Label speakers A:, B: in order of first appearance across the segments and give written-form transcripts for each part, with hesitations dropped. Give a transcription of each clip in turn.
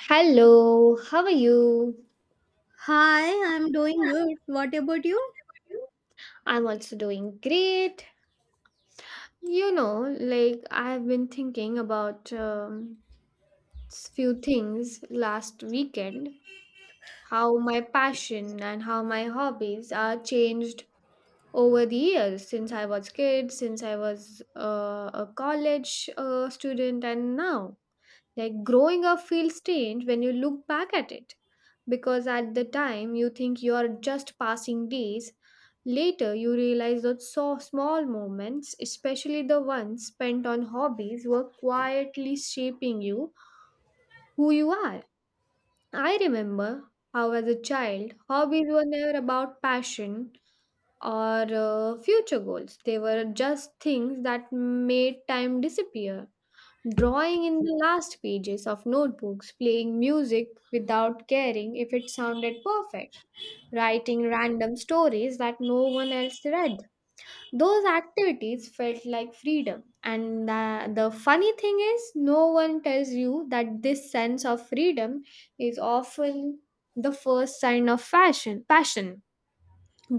A: Hello, how are you?
B: Hi, I'm doing good. What about you?
A: I'm also doing great. You know, like I've been thinking about few things last weekend, how my passion and how my hobbies are changed over the years since I was kid, since I was a college student, and now. Like growing up feels strange when you look back at it, because at the time you think you are just passing days. Later, you realize that so small moments, especially the ones spent on hobbies, were quietly shaping you who you are. I remember how, as a child, hobbies were never about passion or future goals. They were just things that made time disappear drawing in the last pages of notebooks, playing music without caring if it sounded perfect, writing random stories that no one else read. Those activities felt like freedom. And the funny thing is, no one tells you that this sense of freedom is often the first sign of passion.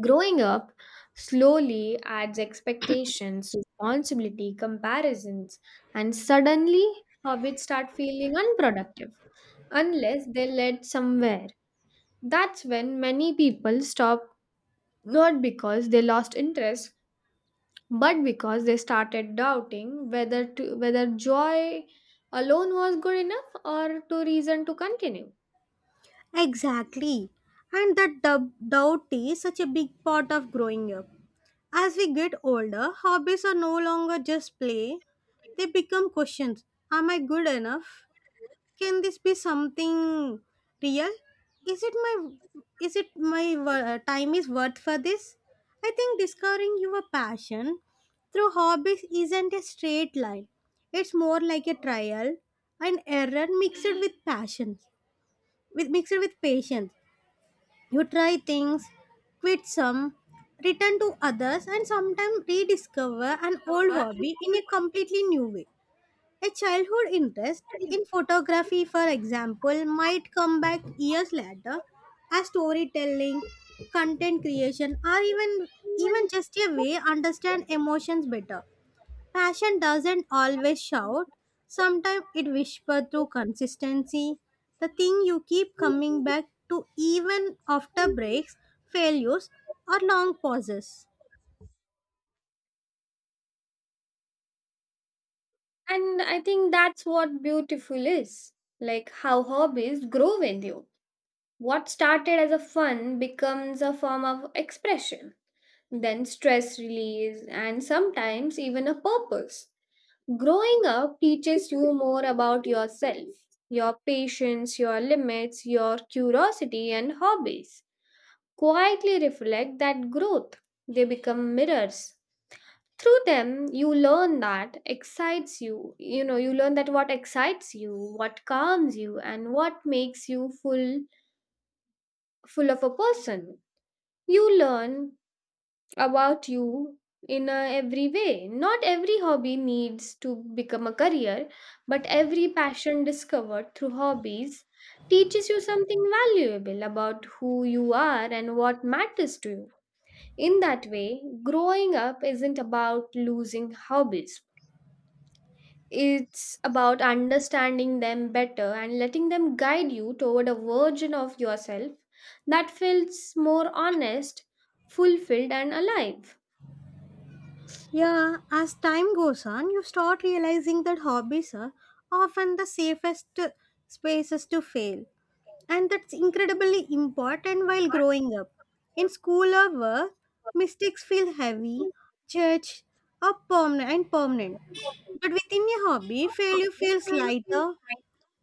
A: Growing up slowly adds expectations, responsibility, comparisons, and suddenly habits start feeling unproductive unless they led somewhere. That's when many people stop not because they lost interest but because they started doubting whether joy alone was good enough or to reason to continue.
B: Exactly. And that doubt is such a big part of growing up. As we get older, hobbies are no longer just play, they become questions. Am I good enough? Can this be something real? Is it my is it my time is worth for this? I think discovering your passion through hobbies isn't a straight line. It's more like a trial and error mixed with passion with mixed with patience. You try things, quit some, return to others, and sometimes rediscover an old hobby in a completely new way. A childhood interest in photography, for example, might come back years later as storytelling, content creation, or even just a way understand emotions better. Passion doesn't always shout. Sometimes it whispers through consistency. The thing you keep coming back to even after breaks, failures, or long pauses.
A: And I think that's what beautiful is, like how hobbies grow with you. What started as a fun becomes a form of expression, then stress release, and sometimes even a purpose. Growing up teaches you more about yourself, your patience, your limits, your curiosity, and hobbies. Quietly reflect that growth. They become mirrors. Through them, you learn that excites you. You know, you learn that what excites you, what calms you, and what makes you full of a person. You learn about you in a every way. Not every hobby needs to become a career, but every passion discovered through hobbies teaches you something valuable about who you are and what matters to you. In that way, growing up isn't about losing hobbies, it's about understanding them better and letting them guide you toward a version of yourself that feels more honest, fulfilled, and alive.
B: Yeah, as time goes on, you start realizing that hobbies are often the safest spaces to fail. And that's incredibly important while growing up. In school or work, mistakes feel heavy, judged, or permanent. But within a hobby, failure feels lighter.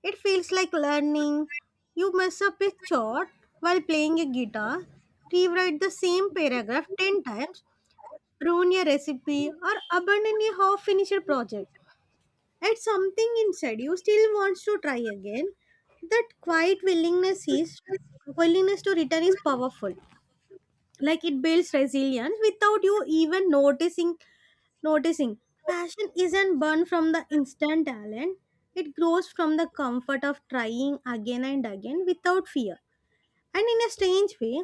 B: It feels like learning. You mess up a chord while playing a guitar, rewrite the same paragraph 10 times, ruin a recipe, or abandon a half finished project. At something inside you still wants to try again, that quiet willingness to return is powerful. Like it builds resilience without you even noticing. Passion isn't born from the instant talent. It grows from the comfort of trying again and again without fear. And in a strange way,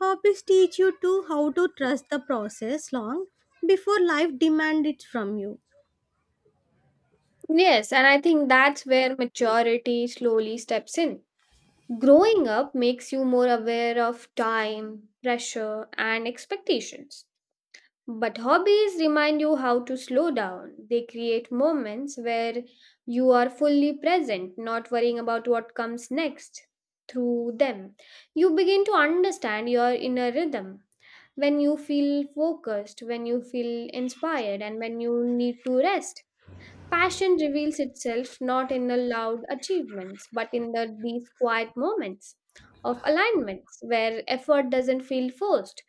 B: hobbies teach you to how to trust the process long before life demands it from you.
A: Yes, and I think that's where maturity slowly steps in. Growing up makes you more aware of time, pressure, and expectations. But hobbies remind you how to slow down. They create moments where you are fully present, not worrying about what comes next. Through them, you begin to understand your inner rhythm. When you feel focused, when you feel inspired, and when you need to rest. Passion reveals itself not in the loud achievements, but in these quiet moments of alignments where effort doesn't feel forced.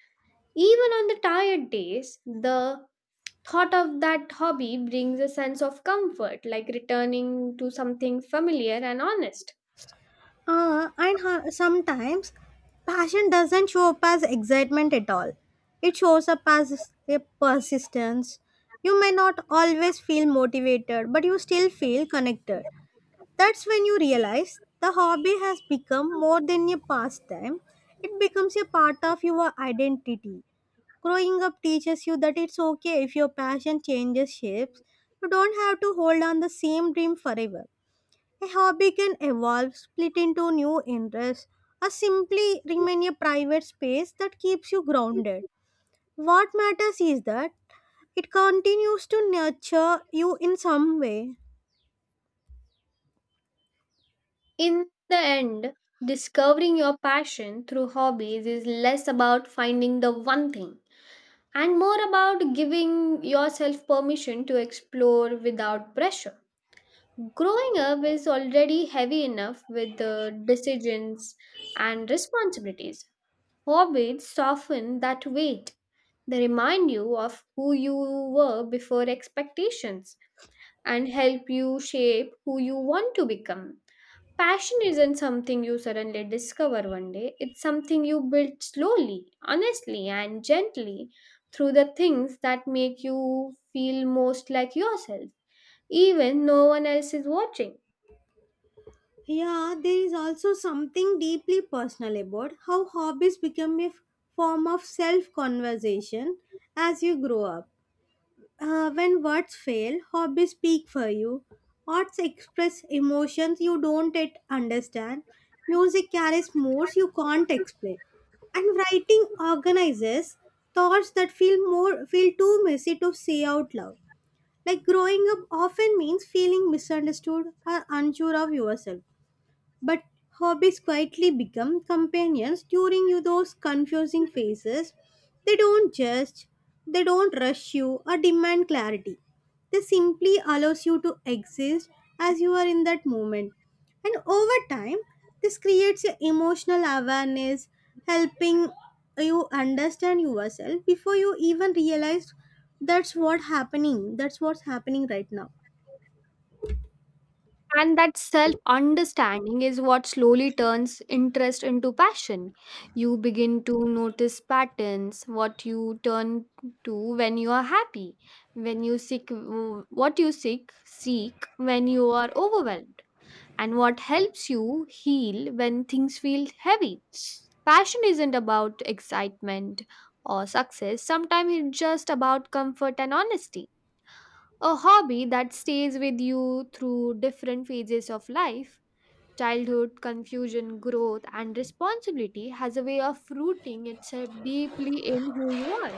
A: Even on the tired days, the thought of that hobby brings a sense of comfort, like returning to something familiar and honest.
B: And sometimes passion doesn't show up as excitement at all. It shows up as a persistence. You may not always feel motivated, but you still feel connected. That's when you realize the hobby has become more than a pastime. It becomes a part of your identity. Growing up teaches you that it's okay if your passion changes shapes. You don't have to hold on the same dream forever. A hobby can evolve, split into new interests, or simply remain a private space that keeps you grounded. What matters is that it continues to nurture you in some way.
A: In the end, discovering your passion through hobbies is less about finding the one thing and more about giving yourself permission to explore without pressure. Growing up is already heavy enough with the decisions and responsibilities. Hobbies soften that weight. They remind you of who you were before expectations and help you shape who you want to become. Passion isn't something you suddenly discover one day, it's something you build slowly, honestly, and gently through the things that make you feel most like yourself, even no one else is watching.
B: Yeah, there is also something deeply personal about how hobbies become a form of self conversation as you grow up. When words fail, hobbies speak for you. Arts express emotions you don't yet understand. Music carries moods you can't explain. And writing organizes thoughts that feel too messy to say out loud. Like growing up often means feeling misunderstood or unsure of yourself. But hobbies quietly become companions during you those confusing phases. They don't judge, they don't rush you or demand clarity. They simply allows you to exist as you are in that moment. And over time, this creates your emotional awareness, helping you understand yourself before you even realize that's what's happening right now.
A: And that self understanding is what slowly turns interest into passion. You begin to notice patterns, what you turn to when you are happy, when you seek what you seek when you are overwhelmed, and what helps you heal when things feel heavy. Passion isn't about excitement or success, sometimes it's just about comfort and honesty. A hobby that stays with you through different phases of life. Childhood, confusion, growth, and responsibility has a way of rooting itself deeply in who you are.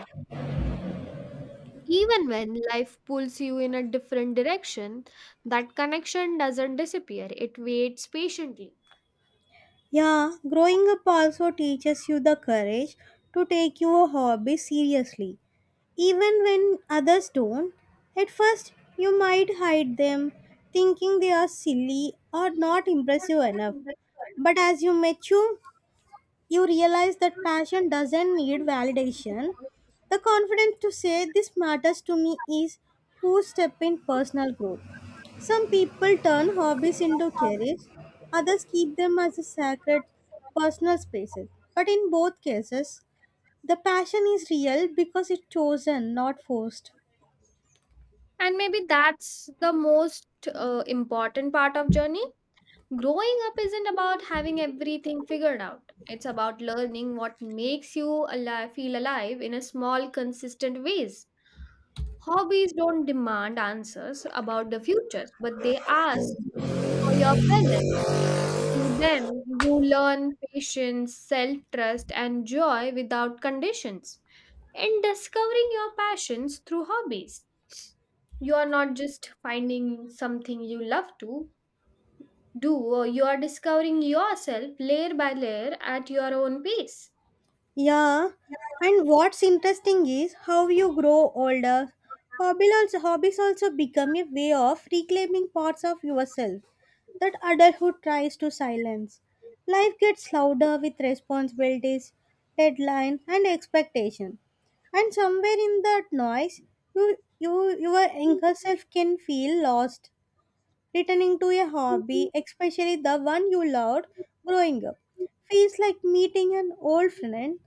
A: Even when life pulls you in a different direction, that connection doesn't disappear, it waits patiently.
B: Yeah, growing up also teaches you the courage to take your hobby seriously. Even when others don't, at first you might hide them, thinking they are silly or not impressive enough. But as you mature, you realize that passion doesn't need validation. The confidence to say this matters to me is who step in personal growth. Some people turn hobbies into careers, others keep them as a sacred personal spaces. But in both cases, the passion is real because it's chosen, not forced.
A: And maybe that's the most important part of journey. Growing up isn't about having everything figured out. It's about learning what makes you alive, feel alive in a small, consistent ways. Hobbies don't demand answers about the future, but they ask for your present. Through them, you learn patience, self trust, and joy without conditions. In discovering your passions through hobbies, you are not just finding something you love to, do or you are discovering yourself layer by layer at your own pace.
B: Yeah, and what's interesting is how you grow older. Hobbies also become a way of reclaiming parts of yourself that adulthood tries to silence. Life gets louder with responsibilities, deadline, and expectation. And somewhere in that noise, your younger self can feel lost. Returning to a hobby, especially the one you loved growing up, feels like meeting an old friend.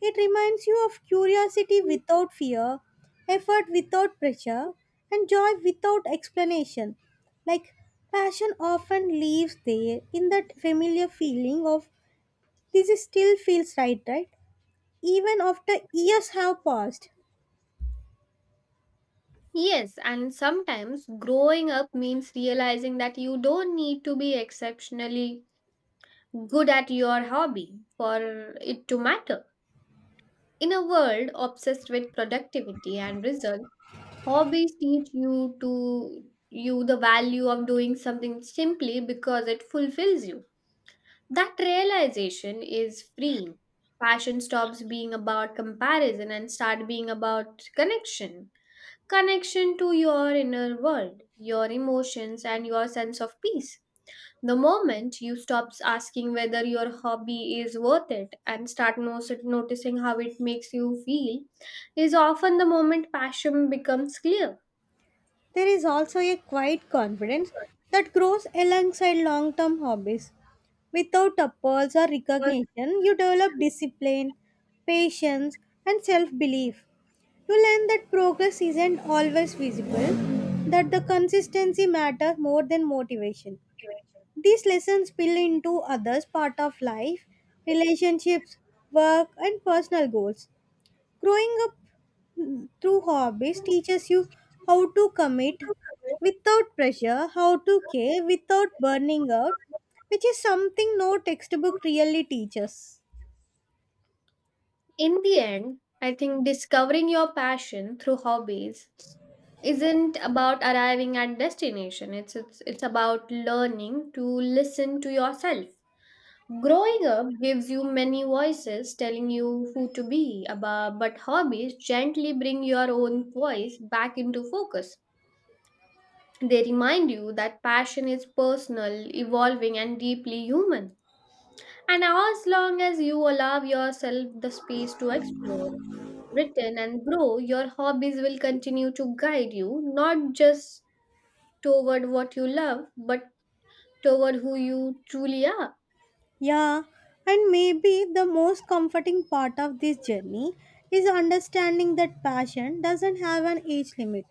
B: It reminds you of curiosity without fear, effort without pressure, and joy without explanation. Like passion often leaves there in that familiar feeling of this is still feels right, right? Even after years have passed,
A: Yes, and sometimes growing up means realizing that you don't need to be exceptionally good at your hobby for it to matter. In a world obsessed with productivity and results, hobbies teach you to you the value of doing something simply because it fulfills you. That realization is freeing. Passion stops being about comparison and start being about connection. Connection to your inner world, your emotions and your sense of peace. The moment you stop asking whether your hobby is worth it and start noticing how it makes you feel is often the moment passion becomes clear.
B: there is also a quiet confidence that grows alongside long term hobbies. Without applause or recognition, you develop discipline, patience, and self belief. You learn that progress isn't always visible, that the consistency matters more than motivation. These lessons spill into others' part of life, relationships, work, and personal goals. Growing up through hobbies teaches you how to commit without pressure, how to care without burning out, which is something no textbook really teaches.
A: In the end, I think discovering your passion through hobbies isn't about arriving at destination. It's about learning to listen to yourself. Growing up gives you many voices telling you who to be, about, but hobbies gently bring your own voice back into focus. They remind you that passion is personal, evolving, and deeply human. And as long as you allow yourself the space to explore, written and grow, your hobbies will continue to guide you, not just toward what you love, but toward who you truly are.
B: Yeah, and maybe the most comforting part of this journey is understanding that passion doesn't have an age limit.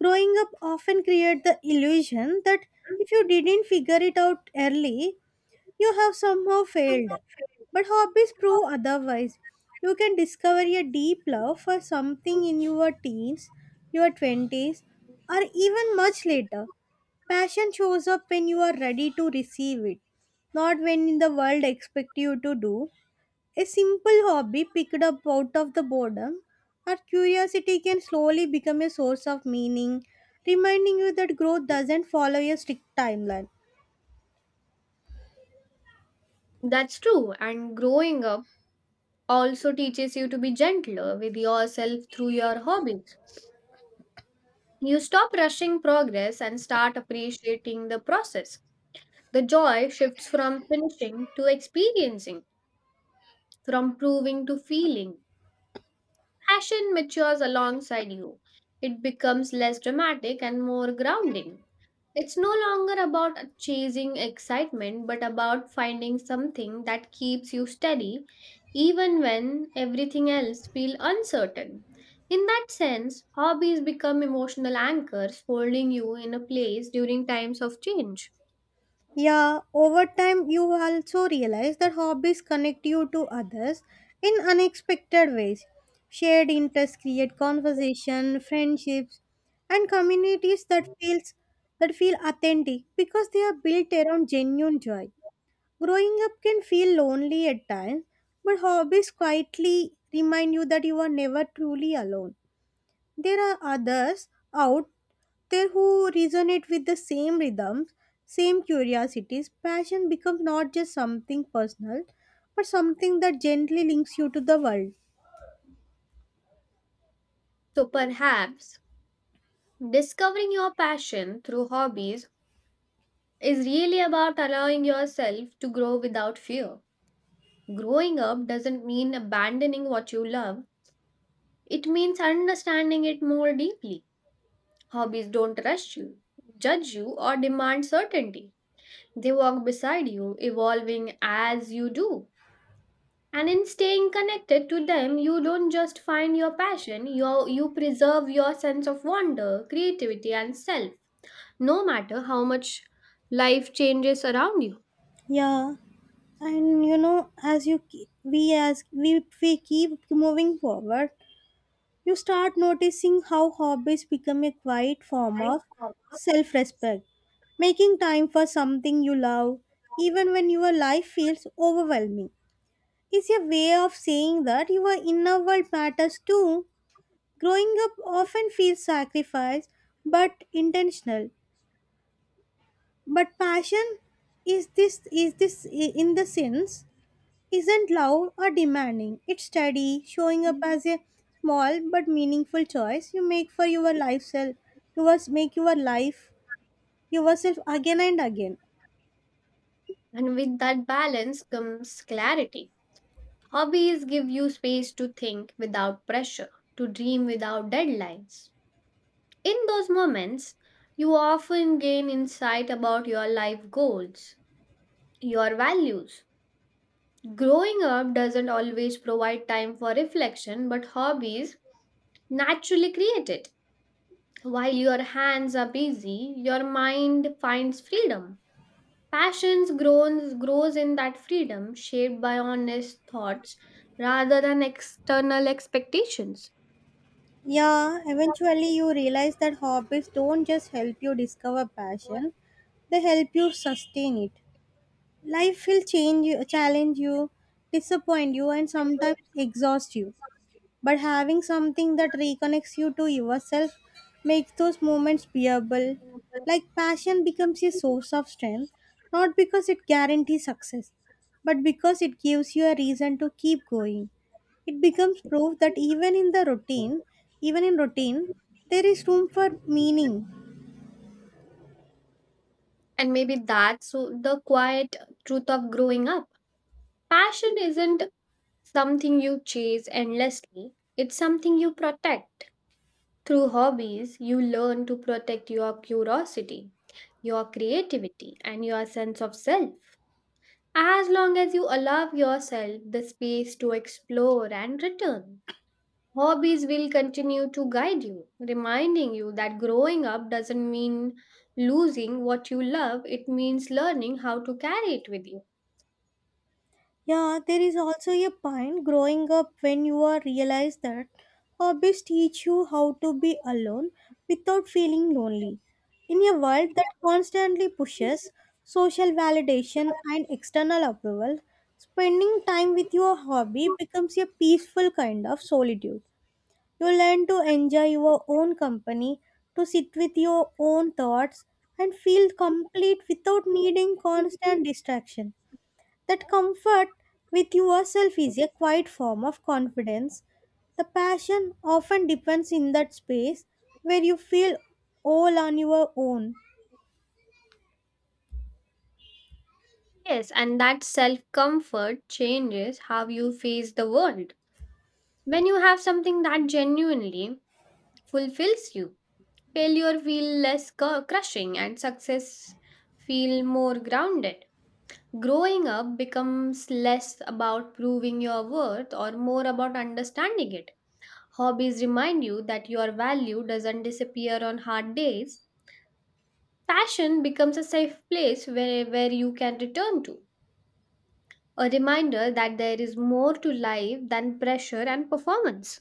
B: Growing up often creates the illusion that if you didn't figure it out early, you have somehow failed. But hobbies prove otherwise. You can discover a deep love for something in your teens, your 20s, or even much later. Passion shows up when you are ready to receive it, not when the world expects you to do. A simple hobby picked up out of the boredom or curiosity can slowly become a source of meaning, reminding you that growth doesn't follow a strict timeline.
A: That's true. And growing up also teaches you to be gentler with yourself through your hobbies. You stop rushing progress and start appreciating the process. The joy shifts from finishing to experiencing, from proving to feeling. Passion matures alongside you. It becomes less dramatic and more grounding. It's no longer about chasing excitement, but about finding something that keeps you steady even when everything else feels uncertain. In that sense, hobbies become emotional anchors holding you in a place during times of change.
B: Yeah, over time, you also realize that hobbies connect you to others in unexpected ways. Shared interests create conversation, friendships, and communities that feel authentic because they are built around genuine joy. Growing up can feel lonely at times, but hobbies quietly remind you that you are never truly alone. There are others out there who resonate with the same rhythms, same curiosities. Passion becomes not just something personal, but something that gently links you to the world.
A: So perhaps discovering your passion through hobbies is really about allowing yourself to grow without fear. Growing up doesn't mean abandoning what you love, it means understanding it more deeply. Hobbies don't rush you, judge you, or demand certainty. They walk beside you, evolving as you do. And in staying connected to them, you don't just find your passion, you preserve your sense of wonder, creativity, and self, no matter how much life changes around you.
B: Yeah, and you know, as we keep moving forward, you start noticing how hobbies become a quiet form of self-respect, making time for something you love, even when your life feels overwhelming. Is a way of saying that your inner world matters too. Growing up often feels sacrifice, but intentional. But passion is this in the sense isn't loud or demanding. It's steady, showing up as a small but meaningful choice you make for your life self. You must make your life yourself again and again.
A: And with that balance comes clarity. Hobbies give you space to think without pressure, to dream without deadlines. In those moments, you often gain insight about your life goals, your values. Growing up doesn't always provide time for reflection, but hobbies naturally create it. While your hands are busy, your mind finds freedom. Passions grows in that freedom, shaped by honest thoughts rather than external expectations.
B: Yeah, eventually you realize that hobbies don't just help you discover passion, they help you sustain it. Life will change you, challenge you, disappoint you, and sometimes exhaust you. But having something that reconnects you to yourself makes those moments bearable. Like passion becomes a source of strength, not because it guarantees success, but because it gives you a reason to keep going. It becomes proof that even in routine, there is room for meaning.
A: And maybe that's the quiet truth of growing up. Passion isn't something you chase endlessly, it's something you protect. Through hobbies, you learn to protect your curiosity, your creativity, and your sense of self. As long as you allow yourself the space to explore and return, hobbies will continue to guide you, reminding you that growing up doesn't mean losing what you love, it means learning how to carry it with you.
B: Yeah, there is also a point growing up when you are realize that hobbies teach you how to be alone without feeling lonely. In a world that constantly pushes social validation and external approval, spending time with your hobby becomes a peaceful kind of solitude. You learn to enjoy your own company, to sit with your own thoughts, and feel complete without needing constant distraction. That comfort with yourself is a quiet form of confidence. The passion often depends in that space where you feel all on your own.
A: Yes, and that self comfort changes how you face the world. When you have something that genuinely fulfills you, failure feels less crushing and success feel more grounded. Growing up becomes less about proving your worth or more about understanding it. Hobbies remind you that your value doesn't disappear on hard days. Passion becomes a safe place where you can return to, a reminder that there is more to life than pressure and performance.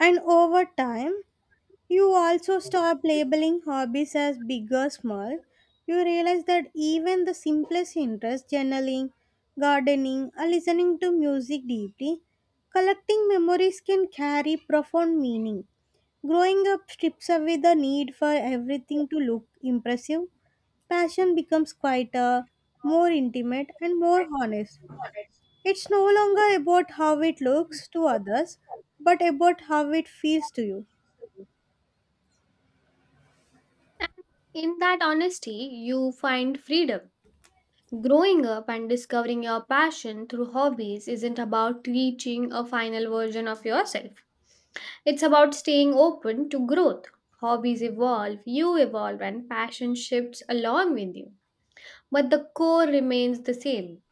B: And over time, you also stop labeling hobbies as big or small. You realize that even the simplest interests, journaling, gardening, or listening to music deeply, collecting memories can carry profound meaning. Growing up strips away the need for everything to look impressive. Passion becomes quieter, more intimate, and more honest. It's no longer about how it looks to others, but about how it feels to you.
A: And in that honesty, you find freedom. Growing up and discovering your passion through hobbies isn't about reaching a final version of yourself. It's about staying open to growth. Hobbies evolve, you evolve, and passion shifts along with you. But the core remains the same,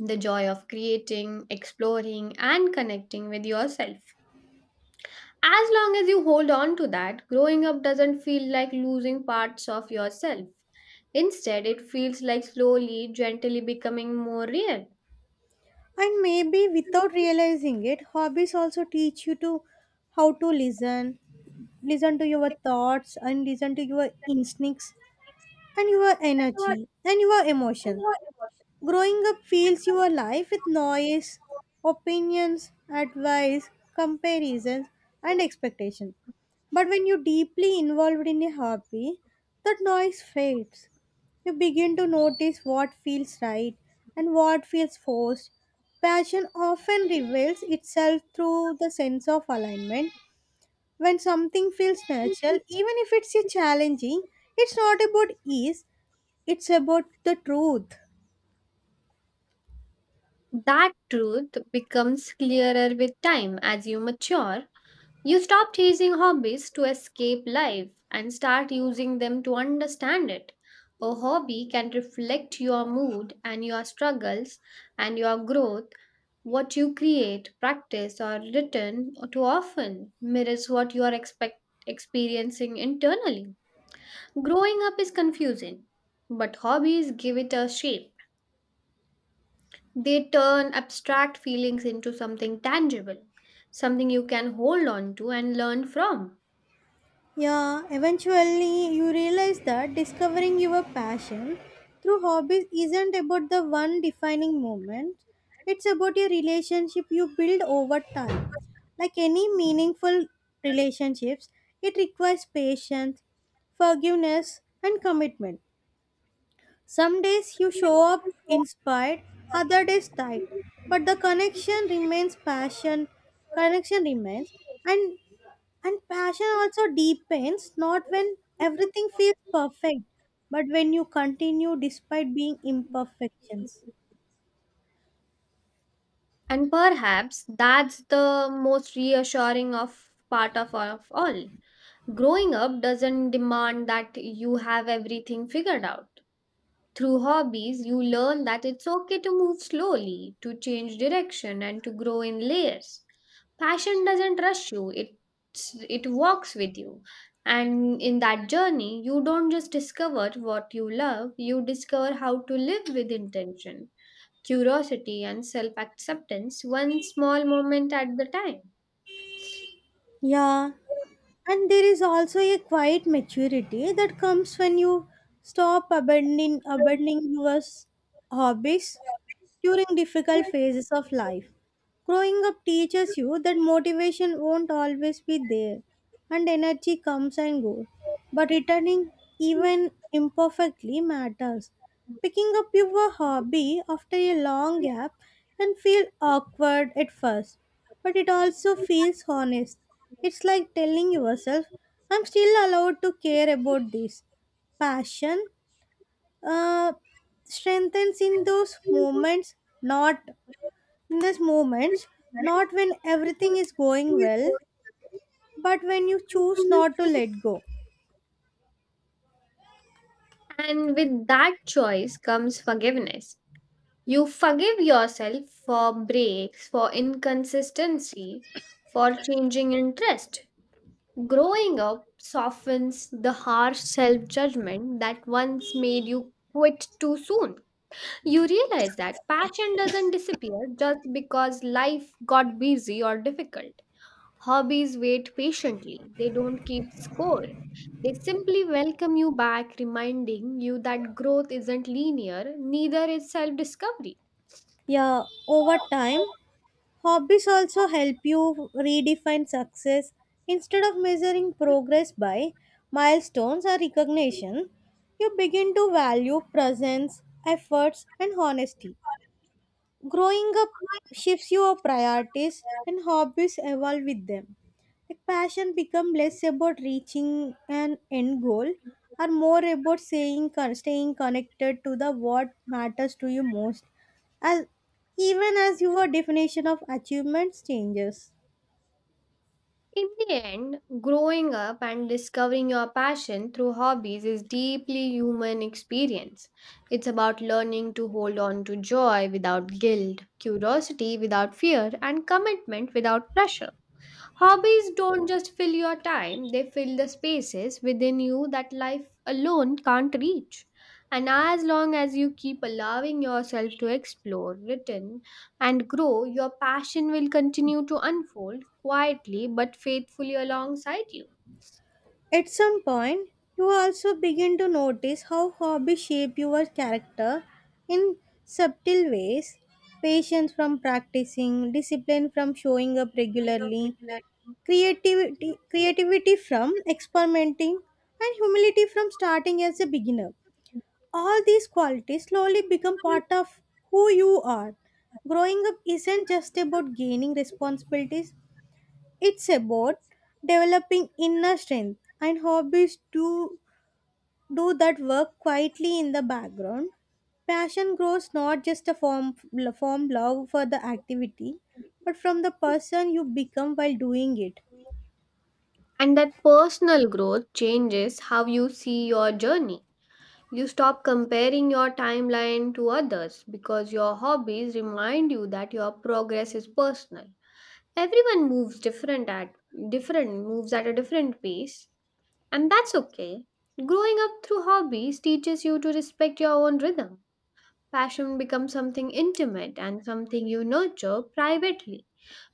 A: the joy of creating, exploring, and connecting with yourself. As long as you hold on to that, growing up doesn't feel like losing parts of yourself. Instead, it feels like slowly, gently becoming more real.
B: And maybe without realizing it, hobbies also teach you to how to listen, listen to your thoughts, and listen to your instincts, and your energy, and your emotions. Growing up fills your life with noise, opinions, advice, comparisons, and expectations. But when you're deeply involved in a hobby, that noise fades. You begin to notice what feels right and what feels forced. Passion often reveals itself through the sense of alignment. When something feels natural, even if it's a challenging, it's not about ease, it's about the truth.
A: That truth becomes clearer with time as you mature. You stop chasing hobbies to escape life and start using them to understand it. A hobby can reflect your mood and your struggles and your growth. What you create, practice, or written too often mirrors what you are experiencing internally. Growing up is confusing, but hobbies give it a shape. They turn abstract feelings into something tangible, something you can hold on to and learn from.
B: Yeah, eventually you realize that discovering your passion through hobbies isn't about the one defining moment. It's about your relationship you build over time. Like any meaningful relationships, it requires patience, forgiveness, and commitment. Some days you show up inspired, other days tired, but the connection remains passion, connection remains, and and passion also deepens not when everything feels perfect, but when you continue despite being imperfections.
A: And perhaps that's the most reassuring of part of all. Growing up doesn't demand that you have everything figured out. Through hobbies, you learn that it's okay to move slowly, to change direction, and to grow in layers. Passion doesn't rush you, it walks with you. And in that journey, you don't just discover what you love, you discover how to live with intention, curiosity, and self acceptance, one small moment at the time.
B: Yeah, and there is also a quiet maturity that comes when you stop abandoning your hobbies during difficult phases of life. Growing up teaches you that motivation won't always be there and energy comes and goes, but returning even imperfectly matters. Picking up your hobby after a long gap can feel awkward at first, but it also feels honest. It's like telling yourself, I'm still allowed to care about this passion uh, strengthens in those moments not in those moments not when everything is going well but when you choose not to let go.
A: And with that choice comes forgiveness. You forgive yourself for breaks, for inconsistency, for changing interest. Growing up softens the harsh self judgment that once made you quit too soon. You realize that passion doesn't disappear just because life got busy or difficult. Hobbies wait patiently, they don't keep score. They simply welcome you back, reminding you that growth isn't linear, neither is self discovery.
B: Yeah, over time, hobbies also help you redefine success. Instead of measuring progress by milestones or recognition, you begin to value presence, efforts and honesty. Growing up shifts your priorities and hobbies evolve with them. Like passion become less about reaching an end goal are more about staying connected to the what matters to you most as even as your definition of achievements changes.
A: In the end, growing up and discovering your passion through hobbies is deeply human experience. It's about learning to hold on to joy without guilt, curiosity without fear, and commitment without pressure. Hobbies don't just fill your time, they fill the spaces within you that life alone can't reach. And as long as you keep allowing yourself to explore, return, and grow, your passion will continue to unfold quietly but faithfully alongside you.
B: At some point, you also begin to notice how hobbies shape your character in subtle ways. Patience from practicing, discipline from showing up regularly, creativity from experimenting, and humility from starting as a beginner. All these qualities slowly become part of who you are. Growing up isn't just about gaining responsibilities, it's about developing inner strength and hobbies do that work quietly in the background. Passion grows not just a form love for the activity, but from the person you become while doing it.
A: And that personal growth changes how you see your journey. You stop comparing your timeline to others because your hobbies remind you that your progress is personal. Everyone moves different at different moves at a different pace, and that's okay. Growing up through hobbies teaches you to respect your own rhythm. Passion becomes something intimate and something you nurture privately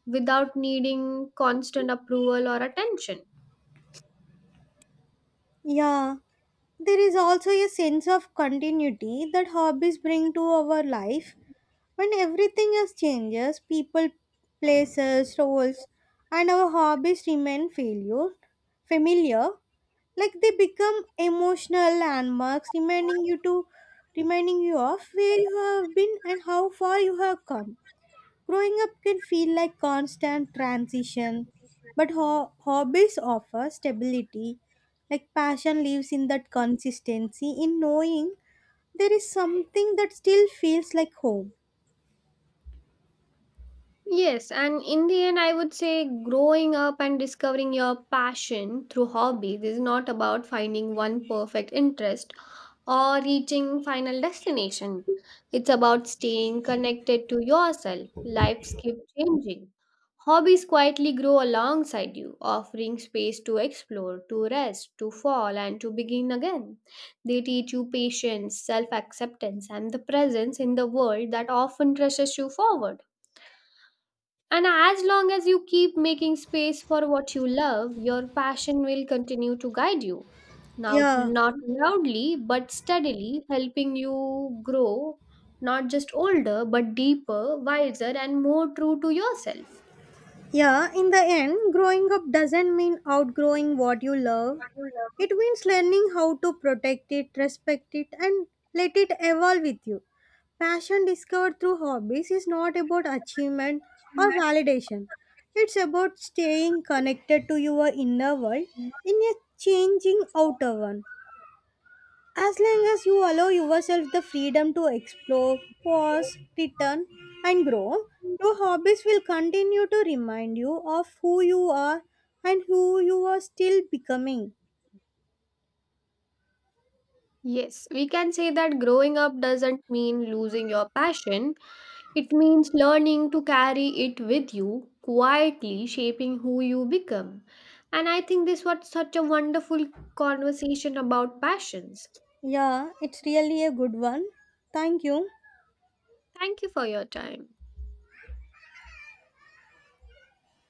A: without needing constant approval or attention.
B: Yeah, there is also a sense of continuity that hobbies bring to our life. When everything else changes, people, places, roles, and our hobbies remain failure familiar, like they become emotional landmarks reminding you of where you have been and how far you have come. Growing up can feel like constant transition but hobbies offer stability. Like passion lives in that consistency, in knowing there is something that still feels like home.
A: Yes, and in the end, I would say growing up and discovering your passion through hobbies is not about finding one perfect interest or reaching final destination. It's about staying connected to yourself. Lives keep changing. Hobbies quietly grow alongside you, offering space to explore, to rest, to fall, and to begin again. They teach you patience, self acceptance, and the presence in the world that often rushes you forward. And as long as you keep making space for what you love, your passion will continue to guide you. Now,
B: Yeah.
A: not loudly, but steadily, helping you grow not just older, but deeper, wiser, and more true to yourself.
B: Yeah, in the end, growing up doesn't mean outgrowing what you love. It means learning how to protect it, respect it, and let it evolve with you. Passion discovered through hobbies is not about achievement or validation. It's about staying connected to your inner world in a changing outer one. As long as you allow yourself the freedom to explore, pause, return, and grow, your hobbies will continue to remind you of who you are and who you are still becoming.
A: Yes, we can say that growing up doesn't mean losing your passion, it means learning to carry it with you, quietly shaping who you become. And I think this was such a wonderful conversation about passions.
B: Yeah, it's really a good one. Thank you.
A: Thank you for your time.